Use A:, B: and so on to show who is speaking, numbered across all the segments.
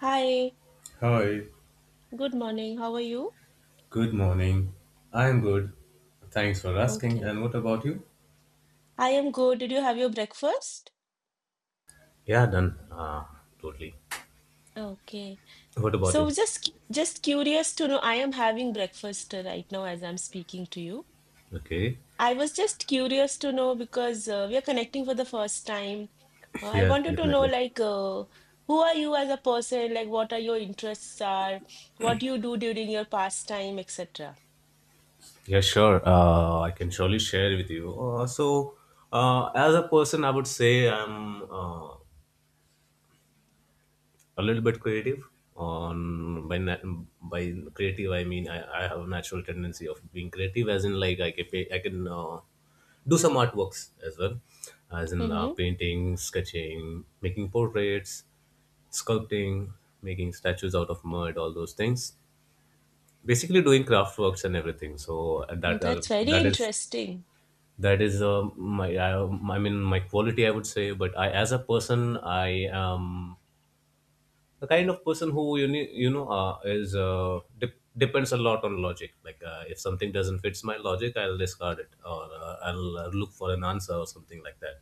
A: Hi,
B: Hi,
A: good morning. How are you?
B: good morning. I'm good. Thanks for asking.
A: Okay.
B: And what about you?
A: I am good. Did you have your breakfast?
B: Yeah, done. Totally.
A: Okay.
B: What about
A: So
B: you?
A: just just curious to know, I am having breakfast right now as I'm speaking to you.
B: Okay.
A: I was just curious to know because we are connecting for the first time. I
B: Yeah,
A: wanted to know
B: definitely.
A: like who are you as a person? Like what are your interests are? What do you do during your pastime, etc.?
B: Yeah, sure. I can surely share with you. As a person, I would say I'm a little bit creative on by nat- by creative I mean I have a natural tendency of being creative, as in like I can do some artworks as well, as in
A: Mm-hmm.
B: painting, sketching, making portraits, sculpting, making statues out of mud, all those things, basically doing craft works and everything. So and that
A: That's very interesting.
B: that is my I mean my quality, I would say. But i, as a person, I am the kind of person who you ne- you know is de- depends a lot on logic. Like if something doesn't fits my logic, I'll discard it, or i'll look for an answer or something like that.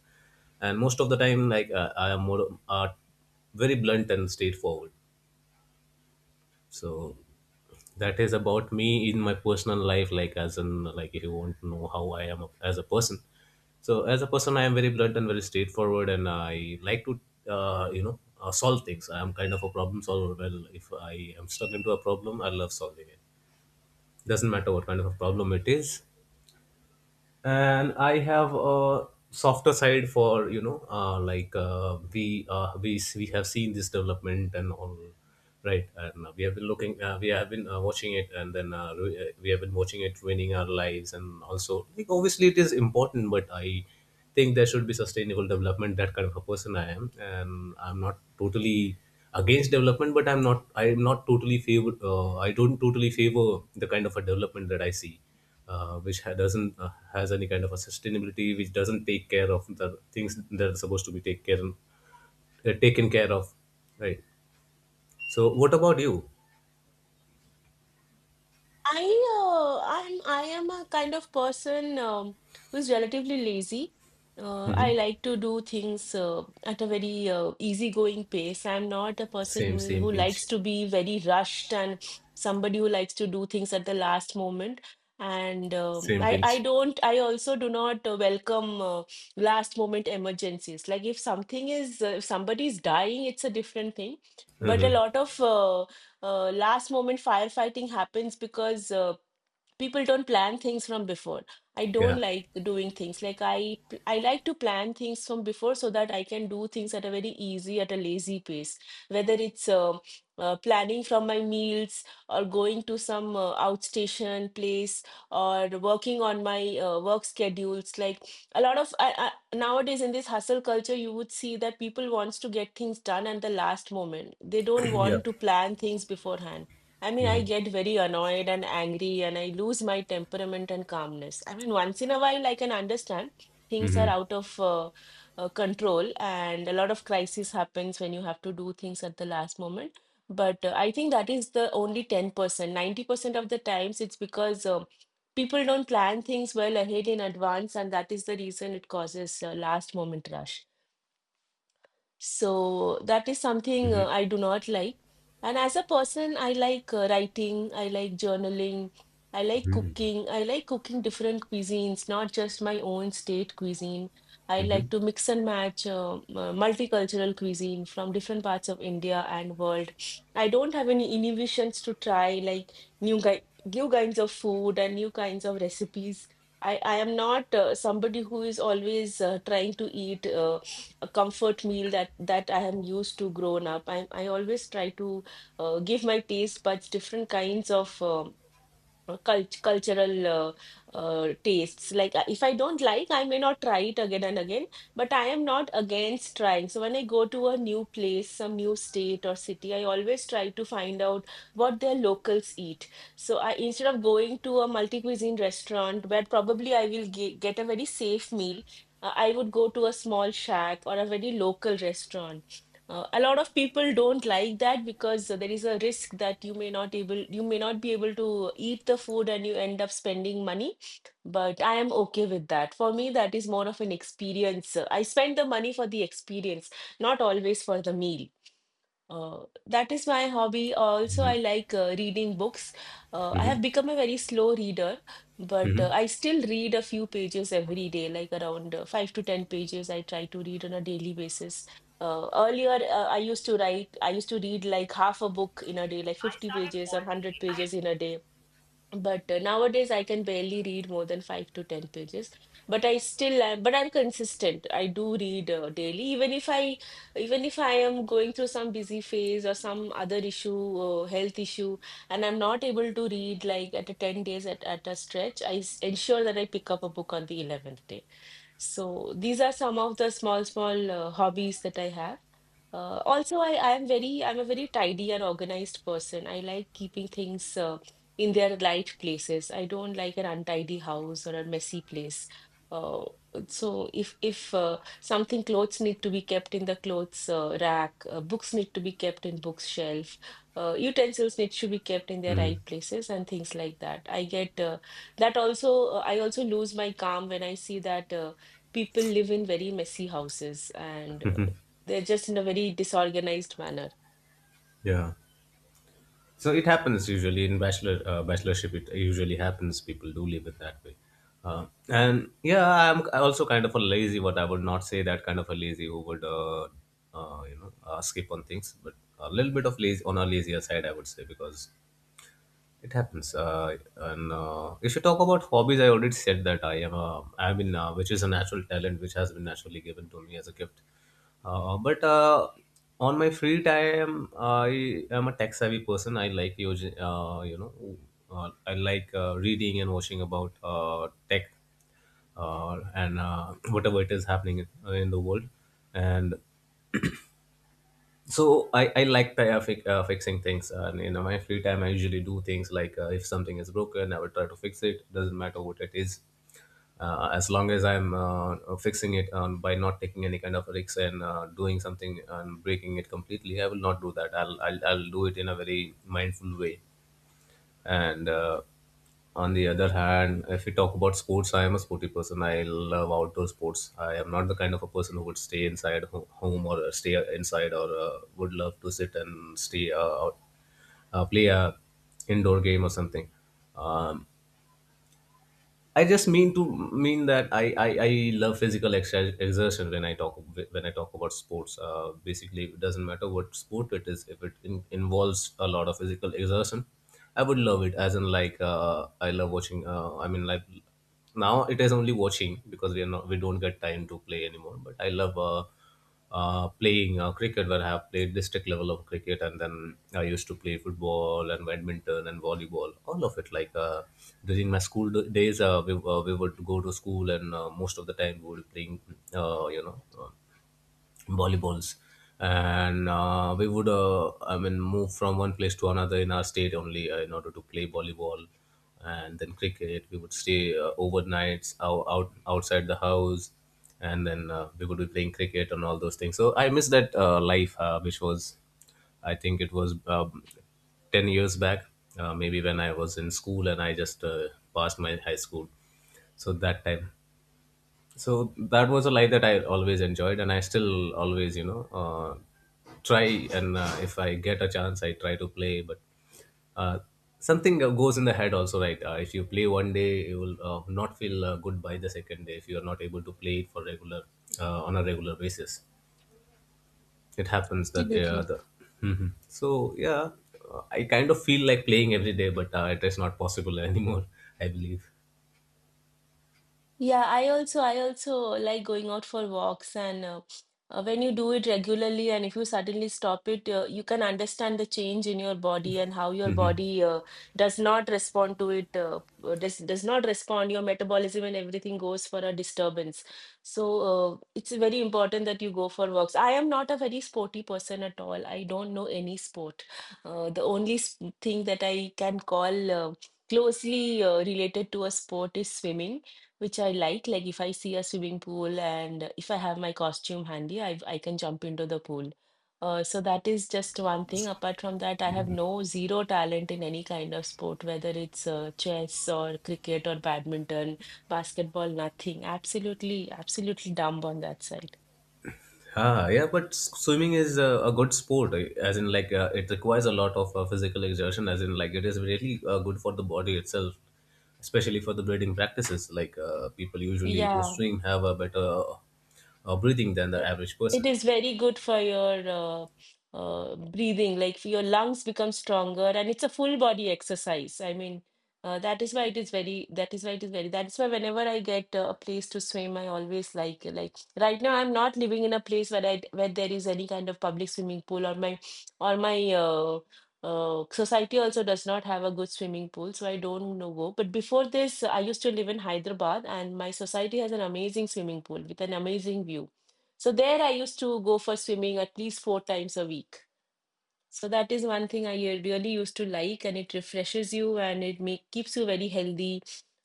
B: And most of the time, I am more uh, very blunt and straightforward. So that is about me in my personal life, like as in like if you want to know how as a person. So as a person, I am very blunt and very straightforward and I like to solve things. I am kind of a problem solver. Well, if I am stuck into a problem, I love solving it, doesn't matter what kind of a problem it is. And I have a softer side for, you know like we have seen this development and all, right? And we have been watching it, and we have been watching it ruining our lives. And also, like, obviously it is important, but I think there should be sustainable development. That kind of a person I am. And I'm not totally against development, but I'm not totally favor, I don't totally favor the kind of a development that I see, doesn't has any kind of a sustainability, which doesn't take care of the things that are supposed to be taken care of, right? So, what about you?
A: I I am a kind of person who's relatively lazy.
B: Hmm.
A: I like to do things at a very easygoing pace. I'm not a person
B: Same,
A: who
B: same
A: who likes
B: pinch,
A: to be very rushed and somebody who likes to do things at the last moment. And
B: same
A: I
B: pinch.
A: don't, I also do not welcome last moment emergencies. Like if something is if somebody is dying, it's a different thing. But a
B: Hmm.
A: lot of last moment firefighting happens because people don't plan things from before. I don't
B: Yeah,
A: like doing things like I like to plan things from before so that I can do things at a very easy, at a lazy pace, whether it's planning from my meals, or going to some outstation place, or working on my work schedules. Like a lot of nowadays in this hustle culture, you would see that people wants to get things done at the last moment. They don't
B: yeah.
A: want to plan things beforehand. I mean,
B: Hmm.
A: I get very annoyed and angry, and I lose my temperament and calmness. I mean, once in a while, I can understand things are out of control, and a lot of crisis happens when you have to do things at the last moment. But I think that is the only 10%. 90% of the times, it's because people don't plan things well ahead in advance, and that is the reason it causes last moment rush. So that is something I do not like. And as a person, I like writing, I like journaling, I like cooking different cuisines, not just my own state cuisine. I
B: Hmm.
A: like to mix and match multicultural cuisine from different parts of India and world. I don't have any inhibitions to try like new guy, new kinds of food, and new kinds of recipes. I am not somebody who is always trying to eat a comfort meal that I am used to grown up. I always try to give my taste buds different kinds of cult- cultural tastes. Like, if I don't like, I may not try it again and again, but I am not against trying. So, when I go to a new place, some new state or city, I always try to find out what their locals eat. So, I instead of going to a multi cuisine restaurant where probably I will get a very safe meal, I would go to a small shack or a very local restaurant. A lot of people don't like that because there is a risk that you may not able, you may not be able to eat the food and you end up spending money. But I am okay with that. For me, that is more of an experience. I spend the money for the experience, not always for the meal. That is my hobby. Also, I like reading books. I
B: Hmm.
A: have become a very slow reader, but
B: Hmm.
A: I still read a few pages every day, like around five to ten pages. I try to read on a daily basis. Earlier, I used to read like half a book in a day, like 50 pages or 100 pages in a day. But nowadays I can barely read more than 5 to 10 pages. But I still am, but I'm consistent. I do read daily, even if I even if I am going through some busy phase or some other issue, health issue, and I'm not able to read like at a 10 days at a stretch, I ensure that I pick up a book on the 11th day. So these are some of the small, small hobbies that I have. Also, I am very, I'm a very tidy and organized person. I like keeping things in their right places. I don't like an untidy house or a messy place. Uh, so if something, clothes need to be kept in the clothes rack, books need to be kept in bookshelf, utensils need to be kept in their
B: Hmm.
A: right places and things like that. I get that also I also lose my calm when I see that. People live in very messy houses and
B: Hmm.
A: they're just in a very disorganized manner.
B: Yeah. So it happens usually in bachelor bachelorship. It usually happens. People do live it that way. And yeah, I'm also kind of a lazy, but I would not say that kind of a lazy who would skip on things, but a little bit of lazy on a lazier side, I would say, because it happens. And If you talk about hobbies, I already said that I am a, I mean, which is a natural talent which has been naturally given to me as a gift. But On my free time, I am a tech savvy person. I like using, I like reading and watching about tech, and whatever it is happening in the world. And I like fixing things. And you know, my free time I usually do things like, if something is broken, I will try to fix it, doesn't matter what it is, as long as i'm fixing it, by not taking any kind of risks and doing something and breaking it completely. I will not do that. I'll do it in a very mindful way. And On the other hand, if we talk about sports, I am a sporty person. I love outdoor sports. I am not the kind of a person who would stay inside home, or stay inside, or would love to sit and stay out, play a indoor game or something. Um, I just mean that I love physical exertion when I talk about sports. Basically, it doesn't matter what sport it is. If it involves a lot of physical exertion, I would love it. As in, like, I love watching. I mean, like, now it is only watching because we are not we don't get time to play anymore. But I love playing cricket, where I have played district level of cricket. And then I used to play football and badminton and volleyball, all of it. During my days, we would go to school and most of the time we would playing uh, you know uh, volleyballs. And we would, I mean, move from one place to another in our state only, in order to play volleyball. And then cricket, we would stay overnights outside the house, and then we would be playing cricket and all those things. So I miss that life, which was I think it was 10 years back, maybe when I was in school and I just passed my high school. so that time so that was a life that I always enjoyed, and I still always, try. And if I get a chance, I try to play. But uh, something goes in the head also, right? If you play one day, you will not feel good by the second day, if you are not able to play it for regular, on a regular basis. It happens that
A: Absolutely.
B: the. Mhm. so yeah I kind of feel like playing every day, but it is not possible anymore, I believe.
A: Yeah, I also, I also like going out for walks and when you do it regularly and if you suddenly stop it, you can understand the change in your body and how your
B: Hmm.
A: body does not respond to it, does not respond. Your metabolism and everything goes for a disturbance. So it's very important that you go for walks. I am not a very sporty person at all. I don't know any sport. The only thing that I can call closely related to a sport is swimming, which I like. Like if I see a swimming pool and if I have my costume handy, I can jump into the pool. So that is just one thing. Apart from that, I have no, zero talent in any kind of sport, whether it's chess or cricket or badminton, basketball, nothing. Absolutely, absolutely dumb on that side.
B: Ah, yeah, but swimming is a good sport, eh, as in like it requires a lot of physical exertion, as in like it is really good for the body itself, especially for the breathing practices. Like, people usually who
A: Yeah.
B: swim have a better breathing than the
A: i-
B: average
A: It
B: person.
A: is very good for your breathing, like for your lungs become stronger, and it's a full body exercise. I mean, that is why it is very. That is why it is very. That's why whenever I get a place to swim, I always like right now I'm not living in a place where I where there is any kind of public swimming pool, or my uh, society also does not have a good swimming pool, so I don't know go. But before this, I used to live in Hyderabad, and my society has an amazing swimming pool with an amazing view. So there I used to go for swimming at least four times a week. So that is one thing I really used to like, and it refreshes you and it keeps you very healthy,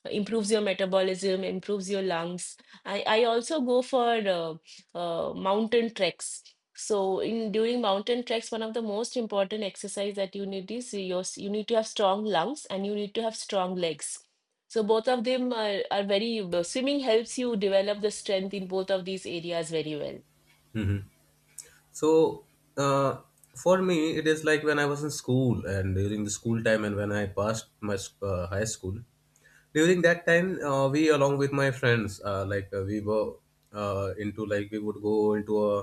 A: improves your metabolism, improves your lungs. I also go for mountain treks. So in during mountain treks, one of the most important exercise that you need is your, you need to have strong lungs and you need to have strong legs. So both of them are very, swimming helps you develop the strength in both of these areas very well.
B: Hmm. So uh, for me, it is like when I was in school, and during the school time, and when I passed my high school, during that time, we, along with my friends, we were into, like, we would go into a,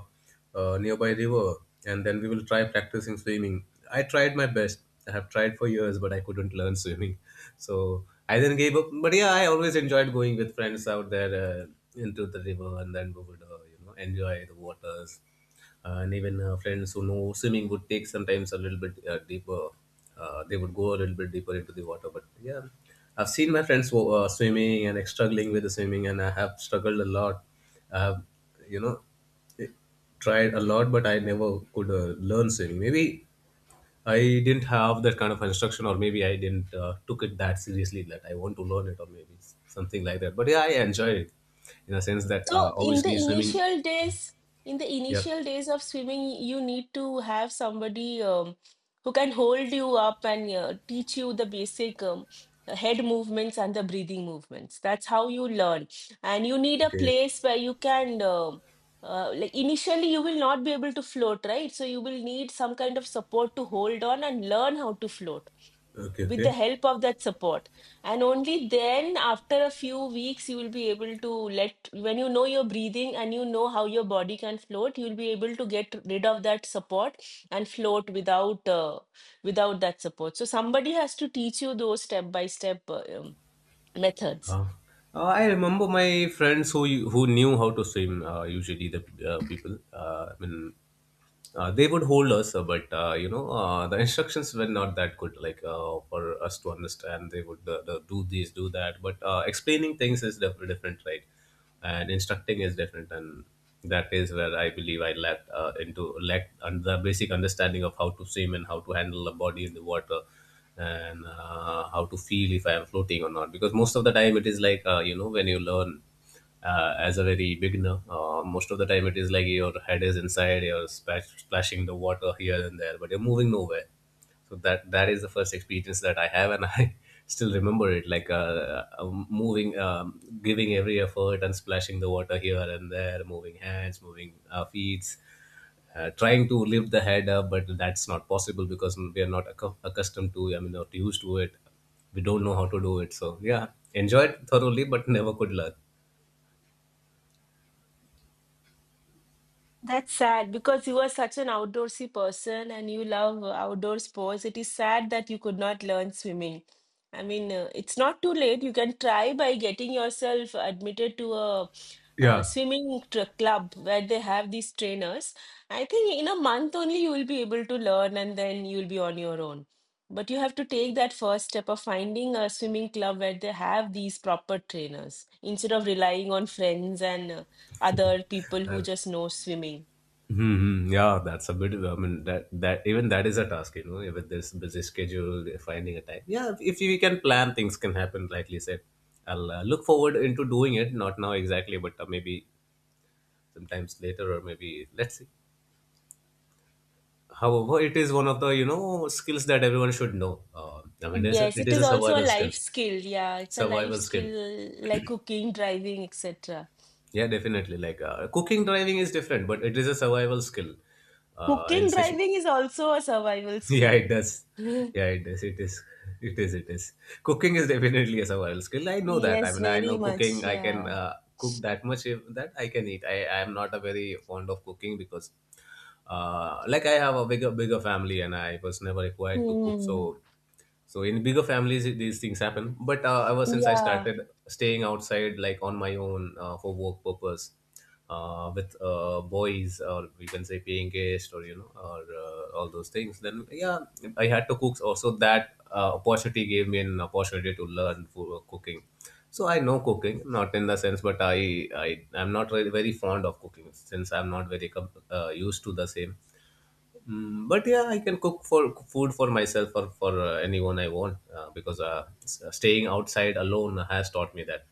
B: uh, nearby river, and then we will try practicing swimming. I tried my best. I have tried for years, but I couldn't learn swimming. So I then gave up. But yeah, I always enjoyed going with friends out there, into the river, and then we would enjoy the waters. And even Friends who know swimming would take sometimes a little bit deeper. They would go a little bit deeper into the water. But yeah, I've seen my friends swimming and, like, struggling with the swimming, and I have struggled a lot. I have, you know, tried a lot, but I never could learn swimming. Maybe I didn't have that kind of instruction, or maybe I didn't took it that seriously that I want to learn it, or maybe something like that. But yeah, I enjoy it in a sense that
A: So in the
B: obviously swimming.
A: initial days, in the
B: Yeah.
A: initial days of swimming, you need to have somebody who can hold you up and teach you the basic head movements and the breathing movements. That's how you learn. And you need a
B: Okay.
A: place where you can, like initially, you will not be able to float, right? So you will need some kind of support to hold on and learn how to float
B: Okay.
A: with the
B: Okay.
A: help of that support, and only then after a few weeks you will be able to, let when you know your breathing and you know how your body can float, you'll be able to get rid of that support and float without without that support. So somebody has to teach you those step by step methods.
B: Uh, I remember my friends who knew how to swim. Usually, the people. I mean, they would hold us, but the instructions were not that good, like, for us to understand. They would, do this, do that. But explaining things is different, right? And instructing is different. And that is where I believe I lacked, into lacked the basic understanding of how to swim and how to handle the body in the water, and how to feel if I am floating or not. Because most of the time it is like, when you learn as a very beginner. Most of the time, it is like your head is inside, splashing the water here and there, but you're moving nowhere. So that is the first experience that I have, and I still remember it like, moving, giving every effort and splashing the water here and there, moving hands, moving feet. Trying to lift the head up, but that's not possible because we are not accustomed to, I mean, not used to it. We don't know how to do it. So, yeah, enjoyed thoroughly, but never could learn.
A: That's sad because you were such an outdoorsy person and you love outdoor sports. It is sad that you could not learn swimming. I mean, it's not too late. You can try by getting yourself admitted to a, uh,
B: Yeah.
A: swimming tr club where they have these trainers. I think in a month only you will be able to learn and then you'll be on your own. But you have to take that first step of finding a swimming club where they have these proper trainers instead of relying on friends and other people
B: Uh,
A: who just know swimming.
B: mhm, yeah, that's a bit. I mean, that even that is a task, you know, with this busy schedule, finding a time. Yeah, if we can plan, things can happen. Like you said, I'll look forward into doing it. Not now exactly, but maybe sometimes later, or maybe let's see. However, it is one of the skills that everyone should know. I mean,
A: Yes,
B: it
A: it
B: is
A: is
B: a
A: also a
B: survival
A: life
B: skill.
A: skill. Yeah, it's a life
B: Survival skill.
A: skill like cooking, driving, etc.
B: Yeah, definitely. Like cooking, driving is different, but it is a survival skill. In
A: Cooking,
B: such.
A: driving is also a survival
B: Yeah,
A: skill.
B: it does. Yeah, it does. It is. Cooking is definitely a survival skill. I know that. I
A: Yes,
B: mean, I
A: very
B: know cooking.
A: much.
B: I can
A: Yeah.
B: cook that much, that I can eat. I am not a very fond of cooking because like I have a bigger family and I was never required to cook. So
A: Hmm.
B: so in bigger families, these things happen. But ever since I
A: Yeah.
B: started staying outside, like on my own for work purpose, with boys, or we can say paying guest, or you know or all those things, then yeah, I had to cook. Also, that opportunity gave me an opportunity to learn for cooking. So I know cooking, not in the sense, but I am not really very fond of cooking since I'm not very used to the same. But yeah, I can cook for food for myself or for anyone I want, because staying outside alone has taught me that.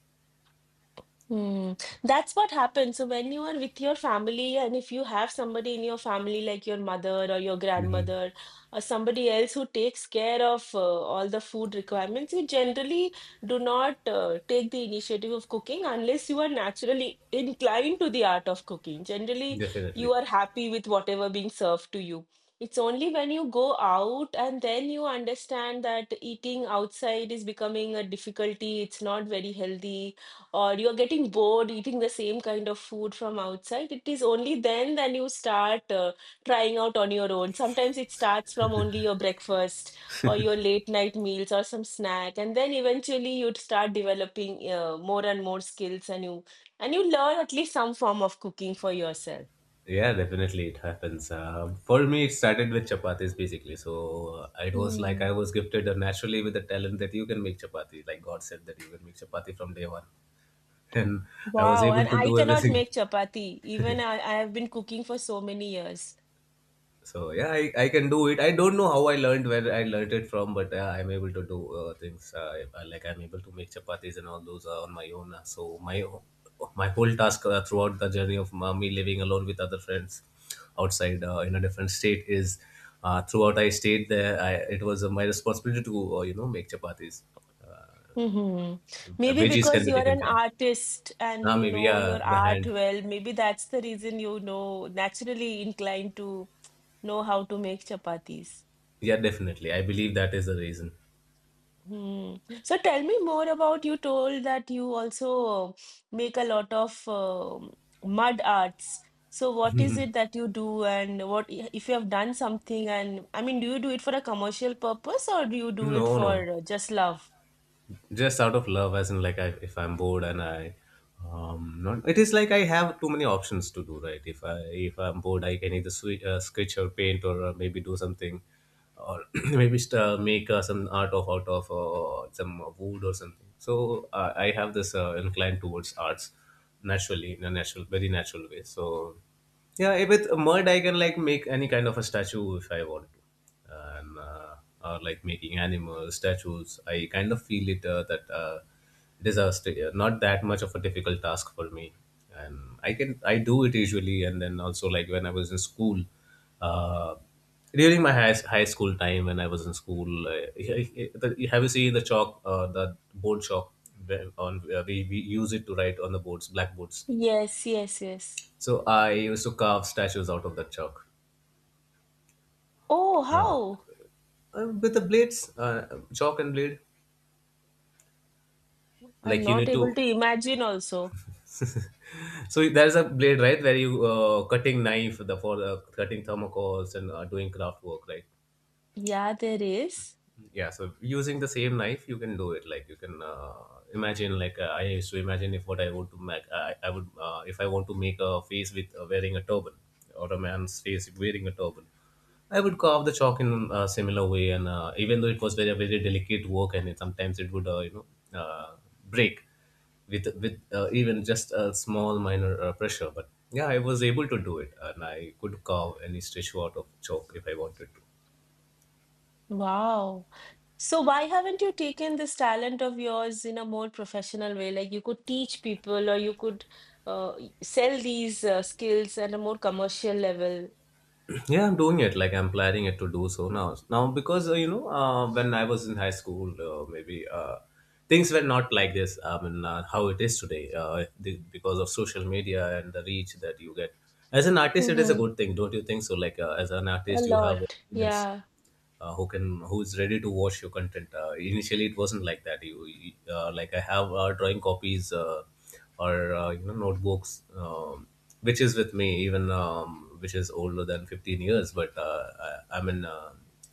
A: Hmm. That's what happens. So when you are with your family, and if you have somebody in your family like your mother or your
B: Hmm.
A: grandmother or somebody else who takes care of all the food requirements, you generally do not take the initiative of cooking unless you are naturally inclined to the art of cooking. Generally, you
B: Definitely.
A: are happy with whatever being served to you. It's only when you go out and then you understand that eating outside is becoming a difficulty, it's not very healthy or you're getting bored eating the same kind of food from outside, it is only then that you start trying out on your own. Sometimes it starts from only your breakfast or your late night meals or some snack, and then eventually you'd start developing more and more skills, and you learn at least some form of cooking for yourself.
B: Yeah, definitely it happens. For me, it started with chapatis basically. So it was like
A: Hmm.
B: I was gifted naturally with the talent that you can make chapati. Like God said that you can make chapati from day one. And I was
A: Wow,
B: able
A: and
B: to
A: I
B: do
A: cannot
B: everything.
A: make chapati. Even I have been cooking for so many years.
B: So yeah, I can do it. I don't know how I learned, where I learned it from, but yeah, I'm able to do things, like I'm able to make chapatis and all those on my own. So my my whole task throughout the journey of me living alone with other friends outside, in a different state is, throughout I stayed there. It was my responsibility to make chapatis.
A: Mm-hmm. Maybe
B: Veggies can
A: because
B: be
A: you're
B: taken
A: an
B: care of.
A: artist and
B: Now
A: you
B: maybe,
A: know
B: yeah,
A: your
B: the
A: art
B: hand.
A: well, maybe that's the reason you know naturally inclined to know how to make chapatis.
B: Yeah, definitely. I believe that is the reason.
A: Hmm. So tell me more about you told that you also make a lot of mud arts. So what is it that you do and what if you have done something and I mean, do you do it for a commercial purpose or do you do it
B: No, no.
A: for just love?
B: Just out of love, as in like if I'm bored and I, not, it is like I have too many options to do, right? If I'm bored, I can either swe sketch or paint, or maybe do something, or maybe make some art of out of some wood or something. So I have this incline towards arts naturally, in a natural, very natural way. So yeah, with mud I can like make any kind of a statue if I want to. And or like making animals statues, I kind of feel it that it is a not that much of a difficult task for me, and I do it usually. And then also, like when I was in school, uh, during my high school time, when I was in school, have you seen the chalk, the board chalk, on, we use it to write on the boards, blackboards?
A: Yes, yes, yes.
B: So I used to carve statues out of that chalk,
A: Oh,
B: uh,
A: how?
B: with the blades, chalk and blade.
A: I'm
B: Like you
A: not
B: need
A: able
B: to,
A: to imagine also.
B: so there's a blade, right, where you cutting knife, the for cutting thermocols and doing craft work, right?
A: Yeah, there is.
B: Yeah, so using the same knife you can do it. Like you can imagine, like I used to imagine, if what I want to make, I would, if I want to make a face with wearing a turban, or a man's face wearing a turban, I would carve the chalk in a similar way. And even though it was very, very delicate work, and sometimes it would break with even just a small, minor pressure. But yeah, I was able to do it, and I could carve any statue out of chalk if I wanted to.
A: Wow. So why haven't you taken this talent of yours in a more professional way? Like you could teach people or you could sell these skills at a more commercial level.
B: Yeah, I'm doing it. Like I'm planning it to do so now. Now because when I was in high school, maybe things were not like this. I mean, how it is today, because of social media and the reach that you get. As an artist, it is a
A: Mm-hmm.
B: good thing, don't you think so? Like as an
A: A
B: artist, you have
A: lot.
B: audience,
A: Yeah.
B: who is ready to watch your content. Initially, it wasn't like that. Like I have drawing copies, or notebooks, which is with me even, which is older than 15 years. But I mean.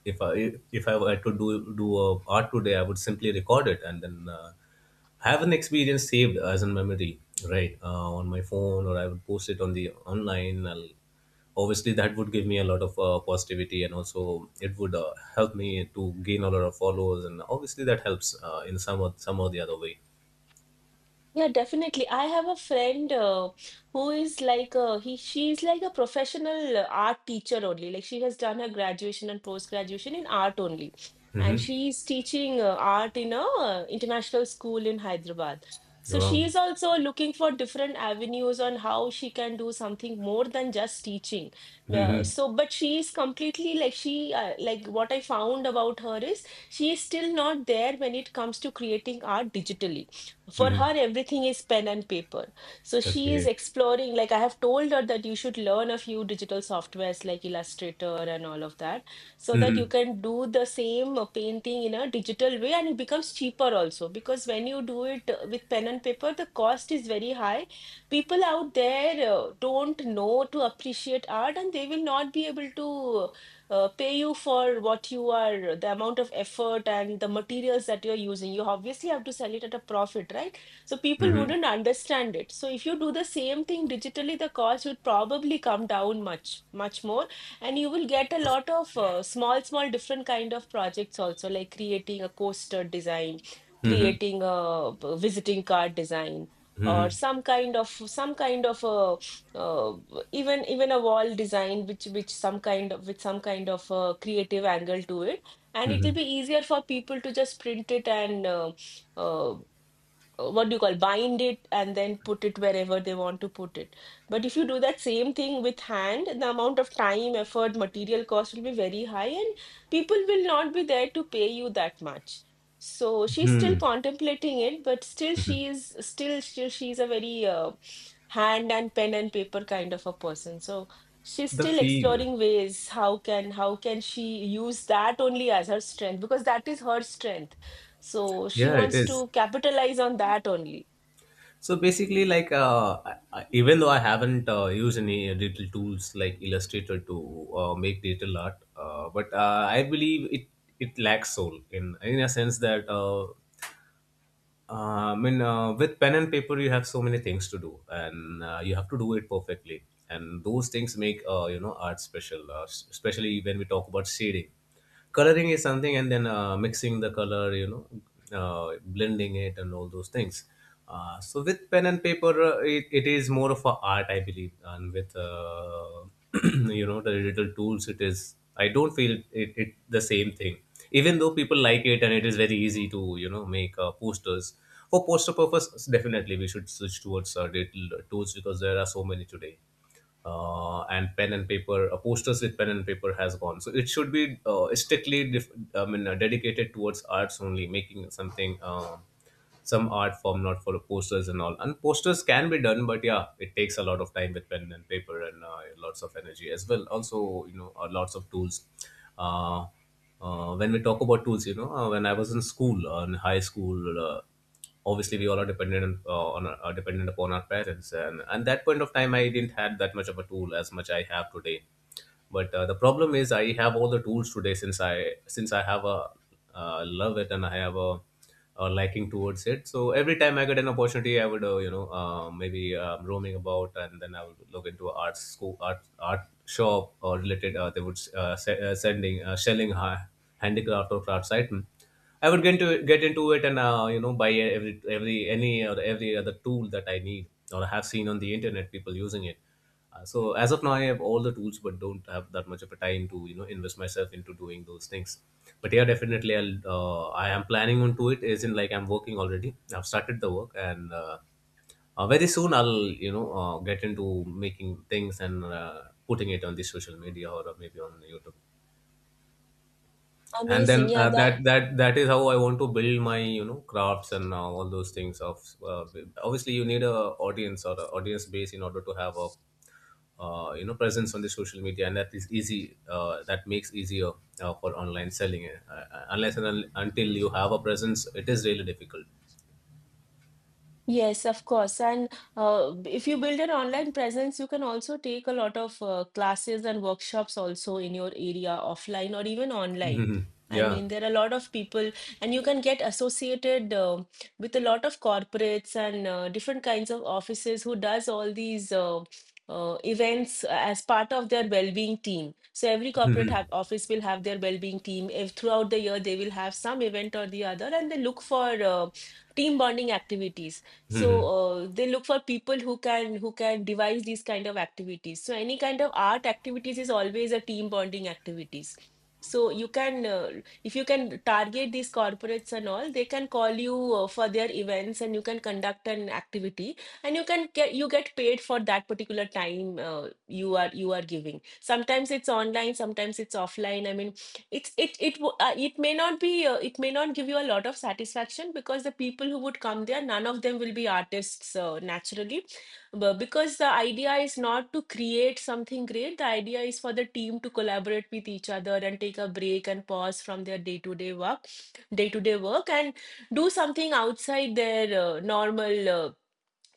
B: if I were to do art today, I would simply record it, and then I have an experience saved as a memory, right, on my phone, or I would post it on the online. Obviously, that would give me a lot of positivity, and also it would help me to gain a lot of followers, and obviously that helps in some or the other way.
A: Yeah, definitely. I have a friend who is like a he she is like a professional art teacher only. Like she has done her graduation and post graduation in art only. And
B: Hmm.
A: she is teaching art in a international school in Hyderabad. So she
B: Wow.
A: is also looking for different avenues on how she can do something more than just teaching. But she is completely like she like what I found about her is she is still not there when it comes to creating art digitally. For
B: Hmm.
A: her, everything is pen and paper. So she is
B: Okay.
A: exploring. Like I have told her that you should learn a few digital softwares like Illustrator and all of that, so that you
B: Hmm.
A: can do the same painting in a digital way, and it becomes cheaper also, because when you do it with pen and paper the cost is very high. People out there don't know to appreciate art, and they will not be able to pay you for what you are, the amount of effort and the materials that you're using. You obviously have to sell it at a profit, right? So people
B: Hmm.
A: wouldn't understand it. So if you do the same thing digitally, the cost would probably come down much, much more, and you will get a lot of small, small different kind of projects also, like creating a coaster design,
B: Hmm.
A: creating a visiting card design or
B: Hmm.
A: some kind of a uh, even even a wall design which some kind of with some kind of creative angle to it, and it
B: Hmm.
A: will be easier for people to just print it and uh, what do you call bind it and then put it wherever they want to put it. But if you do that same thing with hand, the amount of time, effort, material cost will be very high, and people will not be there to pay you that much. So she's still
B: Hmm.
A: contemplating it, but still she is still she's a very hand and pen and paper kind of a person. So she's
B: The
A: still
B: feel.
A: exploring ways how can she use that only as her strength, because that is her strength. So she
B: Yeah, it
A: wants
B: is.
A: to capitalize on that only.
B: So basically, like even though I haven't used any digital tools like Illustrator to make digital art, but I believe it lacks soul, in a sense that I mean, with pen and paper you have so many things to do, and you have to do it perfectly, and those things make art special, especially when we talk about shading, coloring is something, and then mixing the color, blending it and all those things. So with pen and paper, it is more of a art, I believe. And with the digital tools, it is, I don't feel it the same thing. Even though people like it, and it is very easy to make posters for poster purpose. Definitely, we should switch towards digital tools because there are so many today. And pen and paper, posters with pen and paper has gone, so it should be strictly, I mean, dedicated towards arts only, making something, some art form, not for the posters and all. And posters can be done, but yeah, it takes a lot of time with pen and paper, and lots of energy as well. Also, lots of tools. Uh, when we talk about tools, when I was in school, in high school, obviously we all are dependent on are dependent upon our parents, and at that point of time I didn't had that much of a tool as much I have today. But the problem is I have all the tools today, since I, since I have a love it, and I have a liking towards it. So every time I get an opportunity, I would, maybe roaming about, and then I would look into a art school, art shop, or related, they would, se- sending selling, handicraft or crafts item. I would get into it, and buy every any or every other tool that I need, or have seen on the internet people using it. So as of now, I have all the tools, but don't have that much of a time to invest myself into doing those things. But yeah, definitely, I am planning on to it. As in, like I'm working already. I've started the work, and very soon I'll, get into making things and putting it on the social media or maybe on YouTube. And
A: Amazing.
B: then
A: Yeah,
B: that
A: that.
B: that that is how I want to build my crafts and all those things. Of obviously, you need a audience, or a audience base, in order to have a presence on the social media, and that is easy, that makes easier for online selling, unless and until you have a presence, it is really difficult.
A: Yes, of course. And if you build an online presence, you can also take a lot of classes and workshops also in your area, offline or even online.
B: Mhm,
A: I
B: yeah.
A: mean, there are a lot of people, and you can get associated with a lot of corporates and different kinds of offices who does all these events as part of their well-being team. So every corporate
B: Mhm.
A: have, office will have their well-being team. If throughout the year they will have some event or the other, and they look for team bonding activities. So
B: Mhm,
A: they look for people who can devise these kind of activities. So any kind of art activities is always a team bonding activities. So you can if you can target these corporates and all, they can call you for their events and you can conduct an activity, and you can get you get paid for that particular time you are giving. Sometimes it's online, sometimes it's offline. I mean, it may not be it may not give you a lot of satisfaction, because the people who would come there, none of them will be artists naturally. But because the idea is not to create something great, the idea is for the team to collaborate with each other and take a break and pause from their day to day work day to day work and do something outside their normal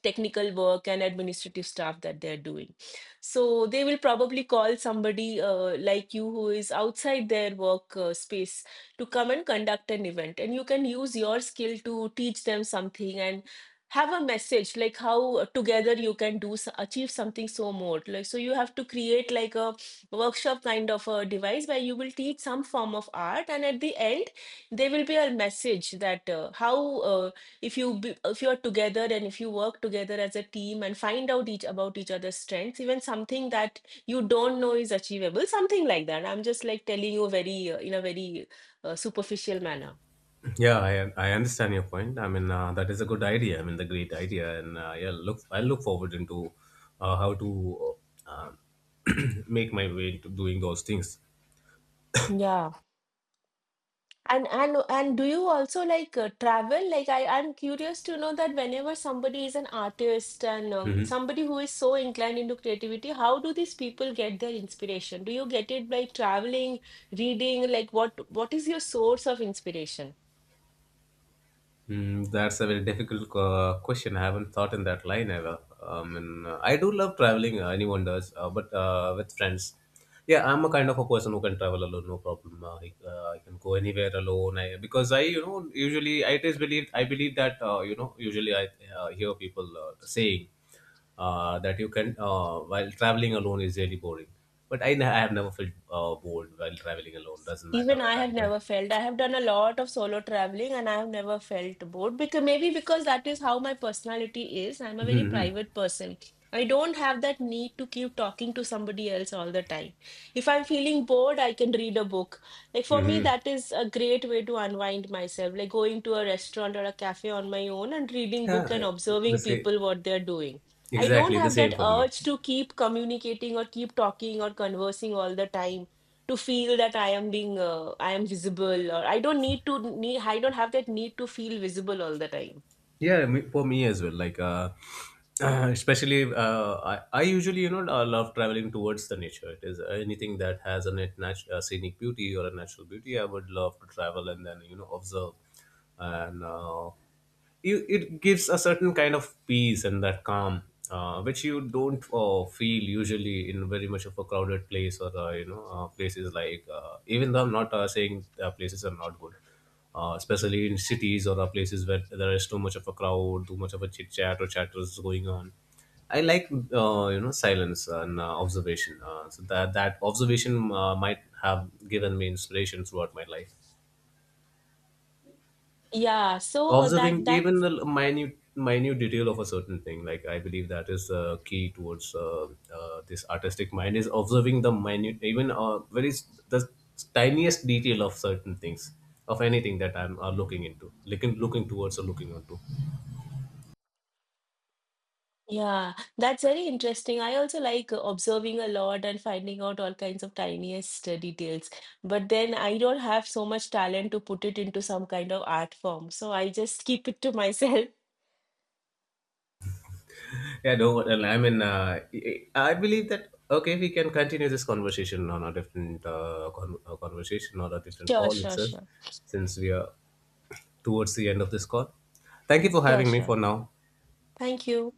A: technical work and administrative stuff that they're doing. So they will probably call somebody like you who is outside their work space, to come and conduct an event. And you can use your skill to teach them something and have a message like how together you can do achieve something. So more like, so you have to create like a workshop kind of a device where you will teach some form of art, and at the end there will be a message that how if you if you are together and if you work together as a team and find out each about each other's strengths, even something that you don't know is achievable, something like that. I'm just like telling you very in a very superficial manner.
B: yeah, I understand your point. I mean, that is a good idea. I mean, the great idea. And yeah, look I look forward into how to uh, make my way into doing those things.
A: Yeah. And do you also like travel? Like I'm curious to know that whenever somebody is an artist and
B: Mm-hmm.
A: somebody who is so inclined into creativity, how do these people get their inspiration? Do you get it by traveling, reading? Like what is your source of inspiration?
B: That's a very difficult question. I haven't thought in that line ever. And I do love traveling. Anyone does, but with friends. Yeah, I'm a kind of a person who can travel alone, no problem. I can go anywhere alone. Because I usually, I just, believe that usually I hear people saying that you can while traveling alone is really boring. But I have never felt bored while traveling alone. Doesn't matter
A: Even I
B: where I'm
A: have
B: going.
A: never felt. I have done a lot of solo traveling and I have never felt bored, because maybe because that is how my personality is. I'm a very
B: Hmm.
A: private person. I don't have that need to keep talking to somebody else all the time. If I'm feeling bored, I can read a book. Like for me,
B: Hmm.
A: that is a great way to unwind myself, like going to a restaurant or a cafe on my own and reading book
B: Yeah,
A: and
B: yeah, the
A: observing
B: same.
A: people what they're doing. I don't
B: Exactly the
A: have
B: same
A: that
B: for me.
A: urge to keep communicating or keep talking or conversing all the time, to feel that I am being I am visible, or I don't need to need I don't have that need to feel visible all the time.
B: Yeah, for me as well. Like, especially, I usually, love traveling towards the nature. It is anything that has a scenic beauty or a natural beauty. I would love to travel, and then observe, and it gives a certain kind of peace and that calm. Which you don't feel usually, in very much of a crowded place, or places, like even though I'm not saying places are not good, especially in cities, or places where there is too much of a crowd, too much of a chit chat or chatters going on. I like silence and observation. So that observation might have given me inspiration throughout my life.
A: Yeah, so uh, that
B: Observing even
A: that's
B: the minute detail of a certain thing, like I believe that is the key towards this artistic mind is observing the minute, even very the tiniest detail of certain things, of anything that I'm looking into, looking towards, or looking onto.
A: yeah, that's very interesting. I also like observing a lot and finding out all kinds of tiniest details. But then I don't have so much talent to put it into some kind of art form, so I just keep it to myself.
B: Yeah, no, well, I mean, I believe that, okay, we can continue this conversation on a different, conversation or a different
A: Sure,
B: call
A: sure,
B: itself,
A: sure,
B: since we are towards the end of this call. Thank you for
A: sure,
B: having me
A: sure.
B: for now.
A: Thank you.